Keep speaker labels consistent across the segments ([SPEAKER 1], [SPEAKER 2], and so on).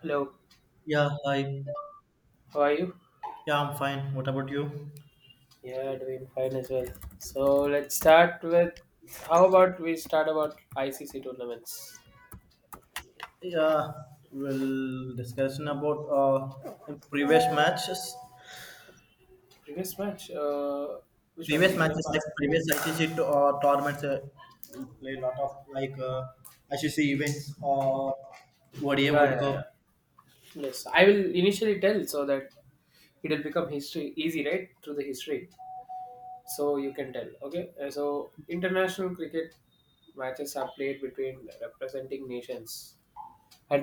[SPEAKER 1] Hello,
[SPEAKER 2] Yeah, hi.
[SPEAKER 1] how are you?
[SPEAKER 2] Yeah, I'm fine. What about you?
[SPEAKER 1] Yeah, doing fine as well. So let's start with how about we start about ICC tournaments?
[SPEAKER 2] Yeah, we'll discussion about previous matches.
[SPEAKER 1] Previous match, which one? The
[SPEAKER 2] Previous
[SPEAKER 1] India
[SPEAKER 2] matches
[SPEAKER 1] part.
[SPEAKER 2] like previous ICC tournaments. We'll play a lot of like ICC events or ODI
[SPEAKER 1] Yeah,
[SPEAKER 2] World
[SPEAKER 1] yeah,
[SPEAKER 2] Cup.
[SPEAKER 1] yeah. Yes, I will initially tell so that it will become history easy, right? Through the history, so you can tell. Okay, so international cricket matches are played between representing nations.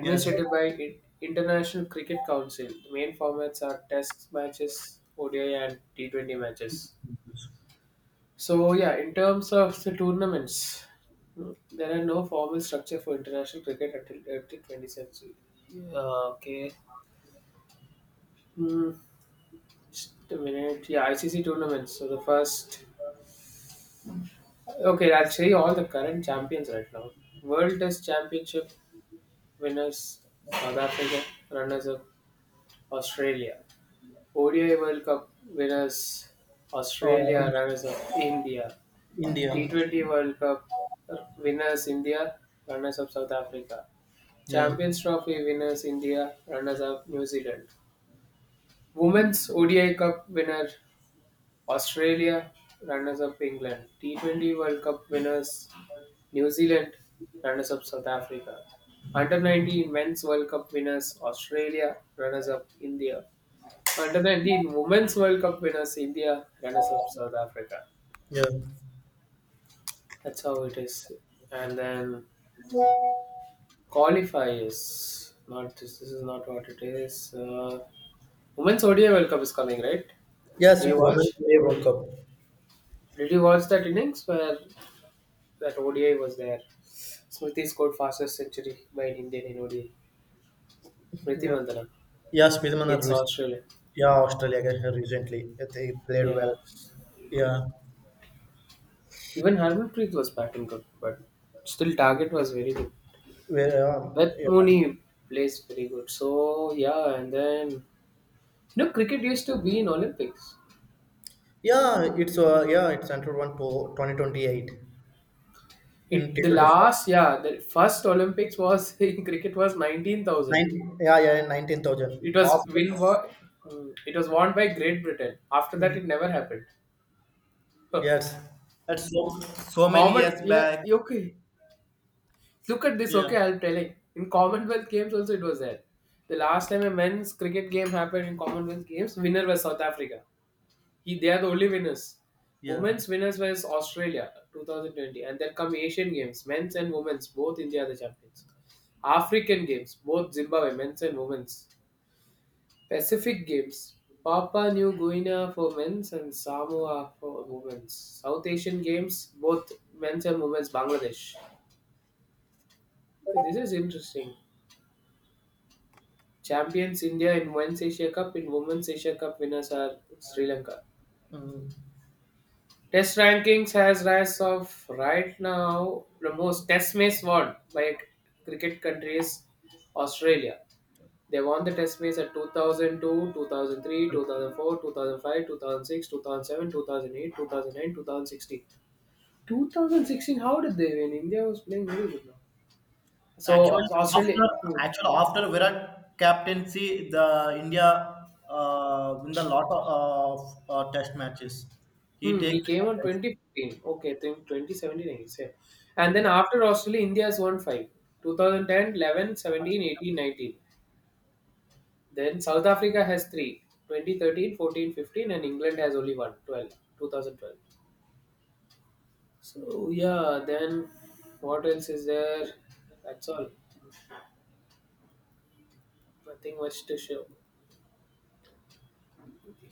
[SPEAKER 2] Yes.
[SPEAKER 1] by International Cricket Council. The main formats are Test matches, ODI, and T20 matches. So, yeah, in terms of the tournaments, there are no formal structure for international cricket until 20th century. Okay. Hmm. Just a minute. Yeah, ICC tournaments. So the first. Okay, actually, all the current champions right now. World Test Championship winners, South Africa, runners up, Australia. ODI World Cup winners
[SPEAKER 2] Uh,
[SPEAKER 1] Australia, runners up India.
[SPEAKER 2] India.
[SPEAKER 1] T20 World Cup winners India, runners up South Africa.
[SPEAKER 2] Yeah.
[SPEAKER 1] Champions Trophy winners India, runners up New Zealand. Women's ODI Cup winner Australia, runners up England. T20 World Cup winners New Zealand, runners up South Africa. Under 19 Men's World Cup winners Australia, runners up India. Under then the Women's World Cup winners India, runners up South Africa.
[SPEAKER 2] Yeah.
[SPEAKER 1] That's how it is. And then qualifiers. Not this. This is not what it is. Women's ODI World Cup is coming, right?
[SPEAKER 2] Yes,
[SPEAKER 1] Do you
[SPEAKER 2] Women
[SPEAKER 1] watch?
[SPEAKER 2] ODI World Cup.
[SPEAKER 1] Did you watch that innings where that ODI was there? Smriti scored fastest century by an Indian in ODI. Smriti
[SPEAKER 2] Yeah.
[SPEAKER 1] Mandana
[SPEAKER 2] Yeah, Spearman are
[SPEAKER 1] against
[SPEAKER 2] recent.
[SPEAKER 1] Australia.
[SPEAKER 2] Yeah, Australia against her recently. They played
[SPEAKER 1] Yeah.
[SPEAKER 2] well. Yeah.
[SPEAKER 1] Even Harmanpreet was batting good, but still target was very good.
[SPEAKER 2] Where,
[SPEAKER 1] Beth
[SPEAKER 2] yeah.
[SPEAKER 1] Mooney plays very good. So yeah, and then cricket used to be in Olympics.
[SPEAKER 2] Yeah, it's it's entered one to 2028 in
[SPEAKER 1] It the
[SPEAKER 2] T24.
[SPEAKER 1] last Yeah, the first Olympics was in cricket was 19,000.
[SPEAKER 2] Nine, yeah, yeah, in 19,000.
[SPEAKER 1] It was
[SPEAKER 2] After,
[SPEAKER 1] win wa- mm, it was won by Great Britain. After that, it never happened.
[SPEAKER 2] yes, that's so many
[SPEAKER 1] Common,
[SPEAKER 2] years
[SPEAKER 1] yeah,
[SPEAKER 2] back.
[SPEAKER 1] yeah, okay. Look at this, okay.
[SPEAKER 2] Yeah,
[SPEAKER 1] I'm telling in Commonwealth Games also it was there. The last time a men's cricket game happened in Commonwealth Games, winner was South Africa. He, they are the only winners.
[SPEAKER 2] yeah.
[SPEAKER 1] Women's winners was Australia 2020, and then come Asian Games, men's and women's, both India are the champions. African Games, both Zimbabwe, men's and women's. Pacific Games, Papua New Guinea for men's and Samoa for women's. South Asian Games, both men's and women's, Bangladesh. So this is interesting. Champions India in Men's Asia Cup, in Women's Asia Cup winners are Sri Lanka.
[SPEAKER 2] Mm.
[SPEAKER 1] Test rankings has rise of right now the most test match won by cricket countries Australia. They won the test match at 2002, 2003, 2004, 2005, 2006, 2007, 2008, 2009, 2016. 2016, how did they win? India was playing very good now. So
[SPEAKER 2] Actually,
[SPEAKER 1] Australia,
[SPEAKER 2] after after Virat captaincy, the India win the lot of Test matches. He
[SPEAKER 1] he
[SPEAKER 2] takes the
[SPEAKER 1] came on
[SPEAKER 2] captaincy.
[SPEAKER 1] 2015. Okay, I think 2017 he said. And then after Australia, India has won five. 2010, eleven, seventeen, eighteen, nineteen. Then South Africa has three 2013 fourteen fifteen and England has only one 12 2012. So, yeah, then what else is there? That's all. Nothing much to show.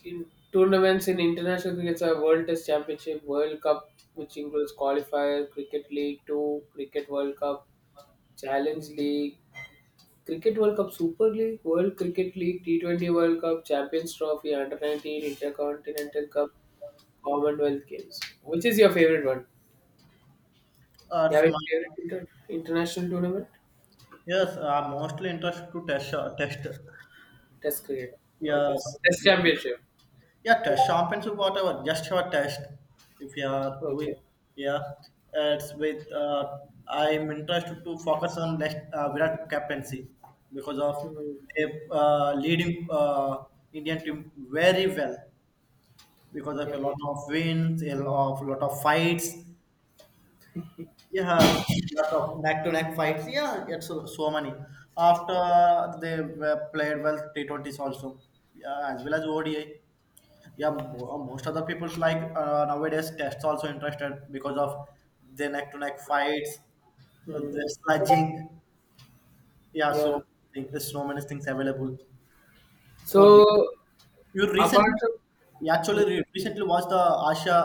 [SPEAKER 1] In tournaments in international cricket are World Test Championship, World Cup, which includes qualifier, Cricket League 2, Cricket World Cup, Challenge League, Cricket World Cup Super League, World Cricket League, T20 World Cup, Champions Trophy, Under 19, Intercontinental Cup, Commonwealth Games. Which is your favorite one?
[SPEAKER 2] Uh,
[SPEAKER 1] You have
[SPEAKER 2] it's
[SPEAKER 1] a favorite
[SPEAKER 2] my,
[SPEAKER 1] international tournament?
[SPEAKER 2] yes, I'm mostly interested to test.
[SPEAKER 1] Test cricket. Okay,
[SPEAKER 2] Yes.
[SPEAKER 1] so Test Championship.
[SPEAKER 2] Yeah, test championship, whatever, just your test. If you are doing,
[SPEAKER 1] Okay.
[SPEAKER 2] yeah, it's with. I'm interested to focus on next Virat captaincy because of
[SPEAKER 1] Hmm.
[SPEAKER 2] they leading Indian team very well because of
[SPEAKER 1] Yeah.
[SPEAKER 2] a
[SPEAKER 1] Yeah.
[SPEAKER 2] lot of wins, a lot of fights. Yeah, lot of neck-to-neck fights. Yeah, it's so, so many. After they were played well T20s also, yeah, as well as ODI, most of the people like nowadays tests also interested because of the neck to neck fights,
[SPEAKER 1] Hmm.
[SPEAKER 2] the sledging, yeah, so
[SPEAKER 1] Yeah.
[SPEAKER 2] think there's so many things available for
[SPEAKER 1] So
[SPEAKER 2] re- you
[SPEAKER 1] apart
[SPEAKER 2] recently, you
[SPEAKER 1] from hmm.
[SPEAKER 2] recently watched the asia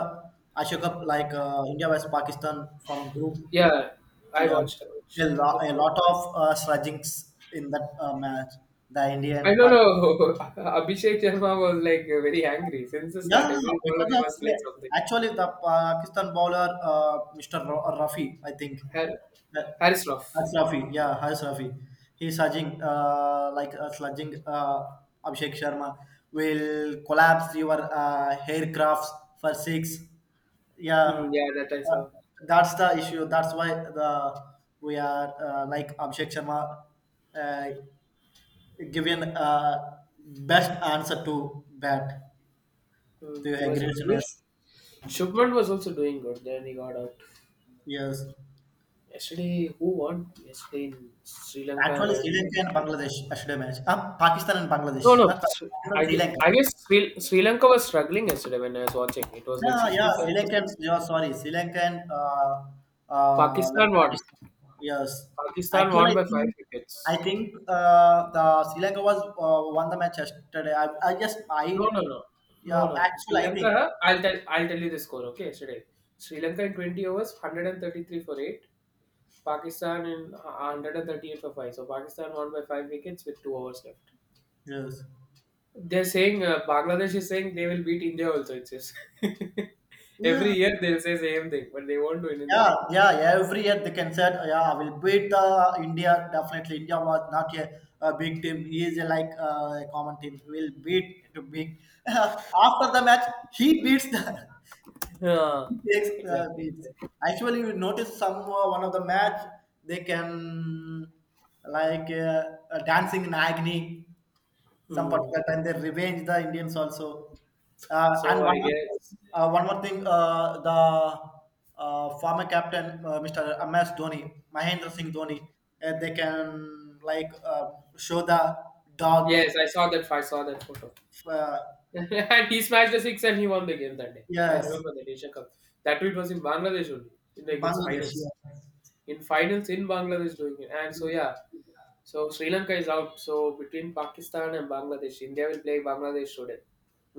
[SPEAKER 2] asia cup like India vs Pakistan from group,
[SPEAKER 1] Yeah, I
[SPEAKER 2] yeah,
[SPEAKER 1] watched. I watched.
[SPEAKER 2] a lot of sledgings in that match, the Indian.
[SPEAKER 1] I don't know. Abhishek Sharma was like very angry since the start.
[SPEAKER 2] Yeah,
[SPEAKER 1] Every bowler
[SPEAKER 2] because
[SPEAKER 1] he
[SPEAKER 2] of
[SPEAKER 1] was like something.
[SPEAKER 2] actually the Pakistan bowler, Mr. Rafi, I think.
[SPEAKER 1] Har-
[SPEAKER 2] Uh,
[SPEAKER 1] Harris Ruff.
[SPEAKER 2] That's Rafi, yeah, Has Rafi. He's surging, like sludging Abhishek Sharma, will collapse your aircrafts for six. Yeah,
[SPEAKER 1] Hmm, yeah, that I
[SPEAKER 2] uh,
[SPEAKER 1] saw.
[SPEAKER 2] that's the issue. That's why the we are like Abhishek Sharma uh, given best answer to bat. Do you
[SPEAKER 1] He was
[SPEAKER 2] agree,
[SPEAKER 1] good. Which
[SPEAKER 2] Sunesh?
[SPEAKER 1] Shubman was also doing good. Then he got out.
[SPEAKER 2] Yes.
[SPEAKER 1] Yesterday, who won? Yesterday in Sri Lanka
[SPEAKER 2] Actually, Sri
[SPEAKER 1] and
[SPEAKER 2] Lanka and Bangladesh, I should have mentioned. Pakistan and
[SPEAKER 1] no,
[SPEAKER 2] Bangladesh.
[SPEAKER 1] no.
[SPEAKER 2] Pakistan, Sri Lanka.
[SPEAKER 1] I guess Sri Lanka was struggling yesterday when I was watching. It was like
[SPEAKER 2] Yeah, yeah, Sri
[SPEAKER 1] 67 for
[SPEAKER 2] Lanka and,
[SPEAKER 1] 6.
[SPEAKER 2] yeah, sorry, Sri Lanka and like
[SPEAKER 1] Pakistan won.
[SPEAKER 2] Pakistan. Yes.
[SPEAKER 1] Pakistan won
[SPEAKER 2] Actually, I
[SPEAKER 1] by
[SPEAKER 2] think,
[SPEAKER 1] 5
[SPEAKER 2] I
[SPEAKER 1] wickets.
[SPEAKER 2] think the Sri Lanka was won the match yesterday. I just,
[SPEAKER 1] No,
[SPEAKER 2] I,
[SPEAKER 1] no, no. No,
[SPEAKER 2] yeah,
[SPEAKER 1] no, no. Sri
[SPEAKER 2] actually, I think.
[SPEAKER 1] Lanka, I'll tell you the score, okay? Yesterday. Sri Lanka in 20 overs, 133 for 8. Pakistan in 138 for 5. So Pakistan won by 5 wickets with 2 overs left.
[SPEAKER 2] Yes.
[SPEAKER 1] They're saying Bangladesh is saying they will beat India also. It says every
[SPEAKER 2] Yeah,
[SPEAKER 1] year they'll say same thing, but they won't do anything.
[SPEAKER 2] yeah, yeah, every year they can say, yeah, I will beat the India. Definitely, India was not a big team. He is a, like a common team. Will beat to beat. After the match, he beats the
[SPEAKER 1] Yeah,
[SPEAKER 2] he takes
[SPEAKER 1] exactly,
[SPEAKER 2] beats.
[SPEAKER 1] exactly.
[SPEAKER 2] Actually, you notice some one of the match they can like dancing in agony, some
[SPEAKER 1] Hmm.
[SPEAKER 2] particular time they revenge the Indians also. And
[SPEAKER 1] So I guess
[SPEAKER 2] one more thing, the former captain, Mr. MS Dhoni, Mahendra Singh
[SPEAKER 1] hmm.
[SPEAKER 2] Dhoni, they can like show the dog.
[SPEAKER 1] Yes, I saw that. I saw that photo,
[SPEAKER 2] Uh,
[SPEAKER 1] and he smashed the six and he won the game that day. I
[SPEAKER 2] yes,
[SPEAKER 1] remember that Asia Cup. That tweet was in Bangladesh only in the against
[SPEAKER 2] Bangladesh.
[SPEAKER 1] finals.
[SPEAKER 2] Yes.
[SPEAKER 1] In finals in Bangladesh doing it, and so yeah. So Sri Lanka is out. So between Pakistan and Bangladesh, India will play Bangladesh today.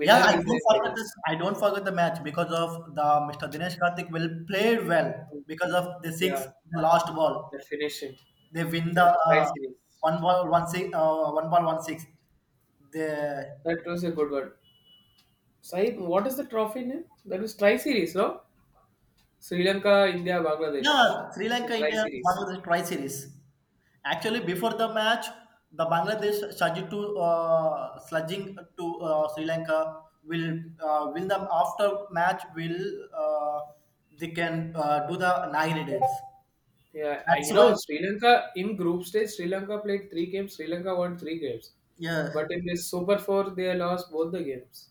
[SPEAKER 2] Yeah, I
[SPEAKER 1] will play
[SPEAKER 2] don't forget the,
[SPEAKER 1] finals.
[SPEAKER 2] I don't forget the match because of the Mr. Dinesh Karthik will play well because of the six,
[SPEAKER 1] Yeah,
[SPEAKER 2] the last ball.
[SPEAKER 1] that finished it.
[SPEAKER 2] They win the
[SPEAKER 1] That tri series.
[SPEAKER 2] one ball one six, one ball one six. The
[SPEAKER 1] That was a good one. Sai, what is the trophy name? That was tri series, no? Sri Lanka, India,
[SPEAKER 2] yeah
[SPEAKER 1] Bangladesh.
[SPEAKER 2] Sri
[SPEAKER 1] It's a
[SPEAKER 2] Lanka,
[SPEAKER 1] tri
[SPEAKER 2] India,
[SPEAKER 1] series.
[SPEAKER 2] Bangladesh try series. Actually, before the match, the Bangladesh started to sludging to Sri Lanka will win, the after match will, uh, they can do the nine dance.
[SPEAKER 1] Yeah, and
[SPEAKER 2] That's why,
[SPEAKER 1] Sri Lanka in group stage, Sri Lanka played three games. Sri Lanka won three games,
[SPEAKER 2] yeah,
[SPEAKER 1] but in this Super Four, they lost both the games.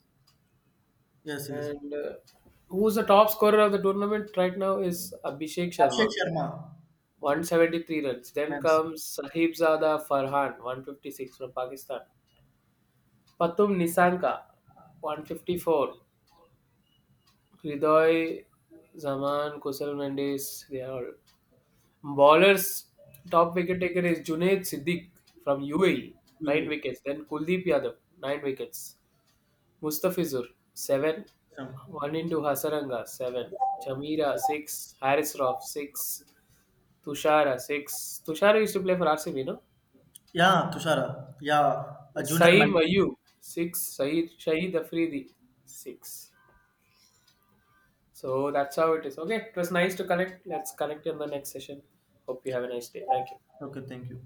[SPEAKER 2] yes, yes,
[SPEAKER 1] And who's the top scorer of the tournament right now is Abhishek
[SPEAKER 2] Abhishek
[SPEAKER 1] Sharma,
[SPEAKER 2] Sharma.
[SPEAKER 1] 173 runs. Then
[SPEAKER 2] Yes.
[SPEAKER 1] comes Sahib Zada Farhan, 156 from Pakistan. पतुम निसांका 154, हृदय जमान, कुशल Mendes, they are all ballers. Top wicket taker is Junaid Siddique from UAE, nine
[SPEAKER 2] Yes.
[SPEAKER 1] wickets. Then Kuldeep Yadav, nine wickets. Mustafizur, seven. One into Hasaranga, seven. Chamira, six. Harris Roth, six. Tushara, six. Tushara used to play for RCB, no?
[SPEAKER 2] Yeah, Tushara. Yeah, a junior
[SPEAKER 1] Saeem
[SPEAKER 2] man.
[SPEAKER 1] Ayub, six. Saeed, Shahid Afridi, six. So that's how it is. Okay, it was nice to connect. Let's connect in the next session. Hope you have a nice day. Thank you.
[SPEAKER 2] Okay, thank you.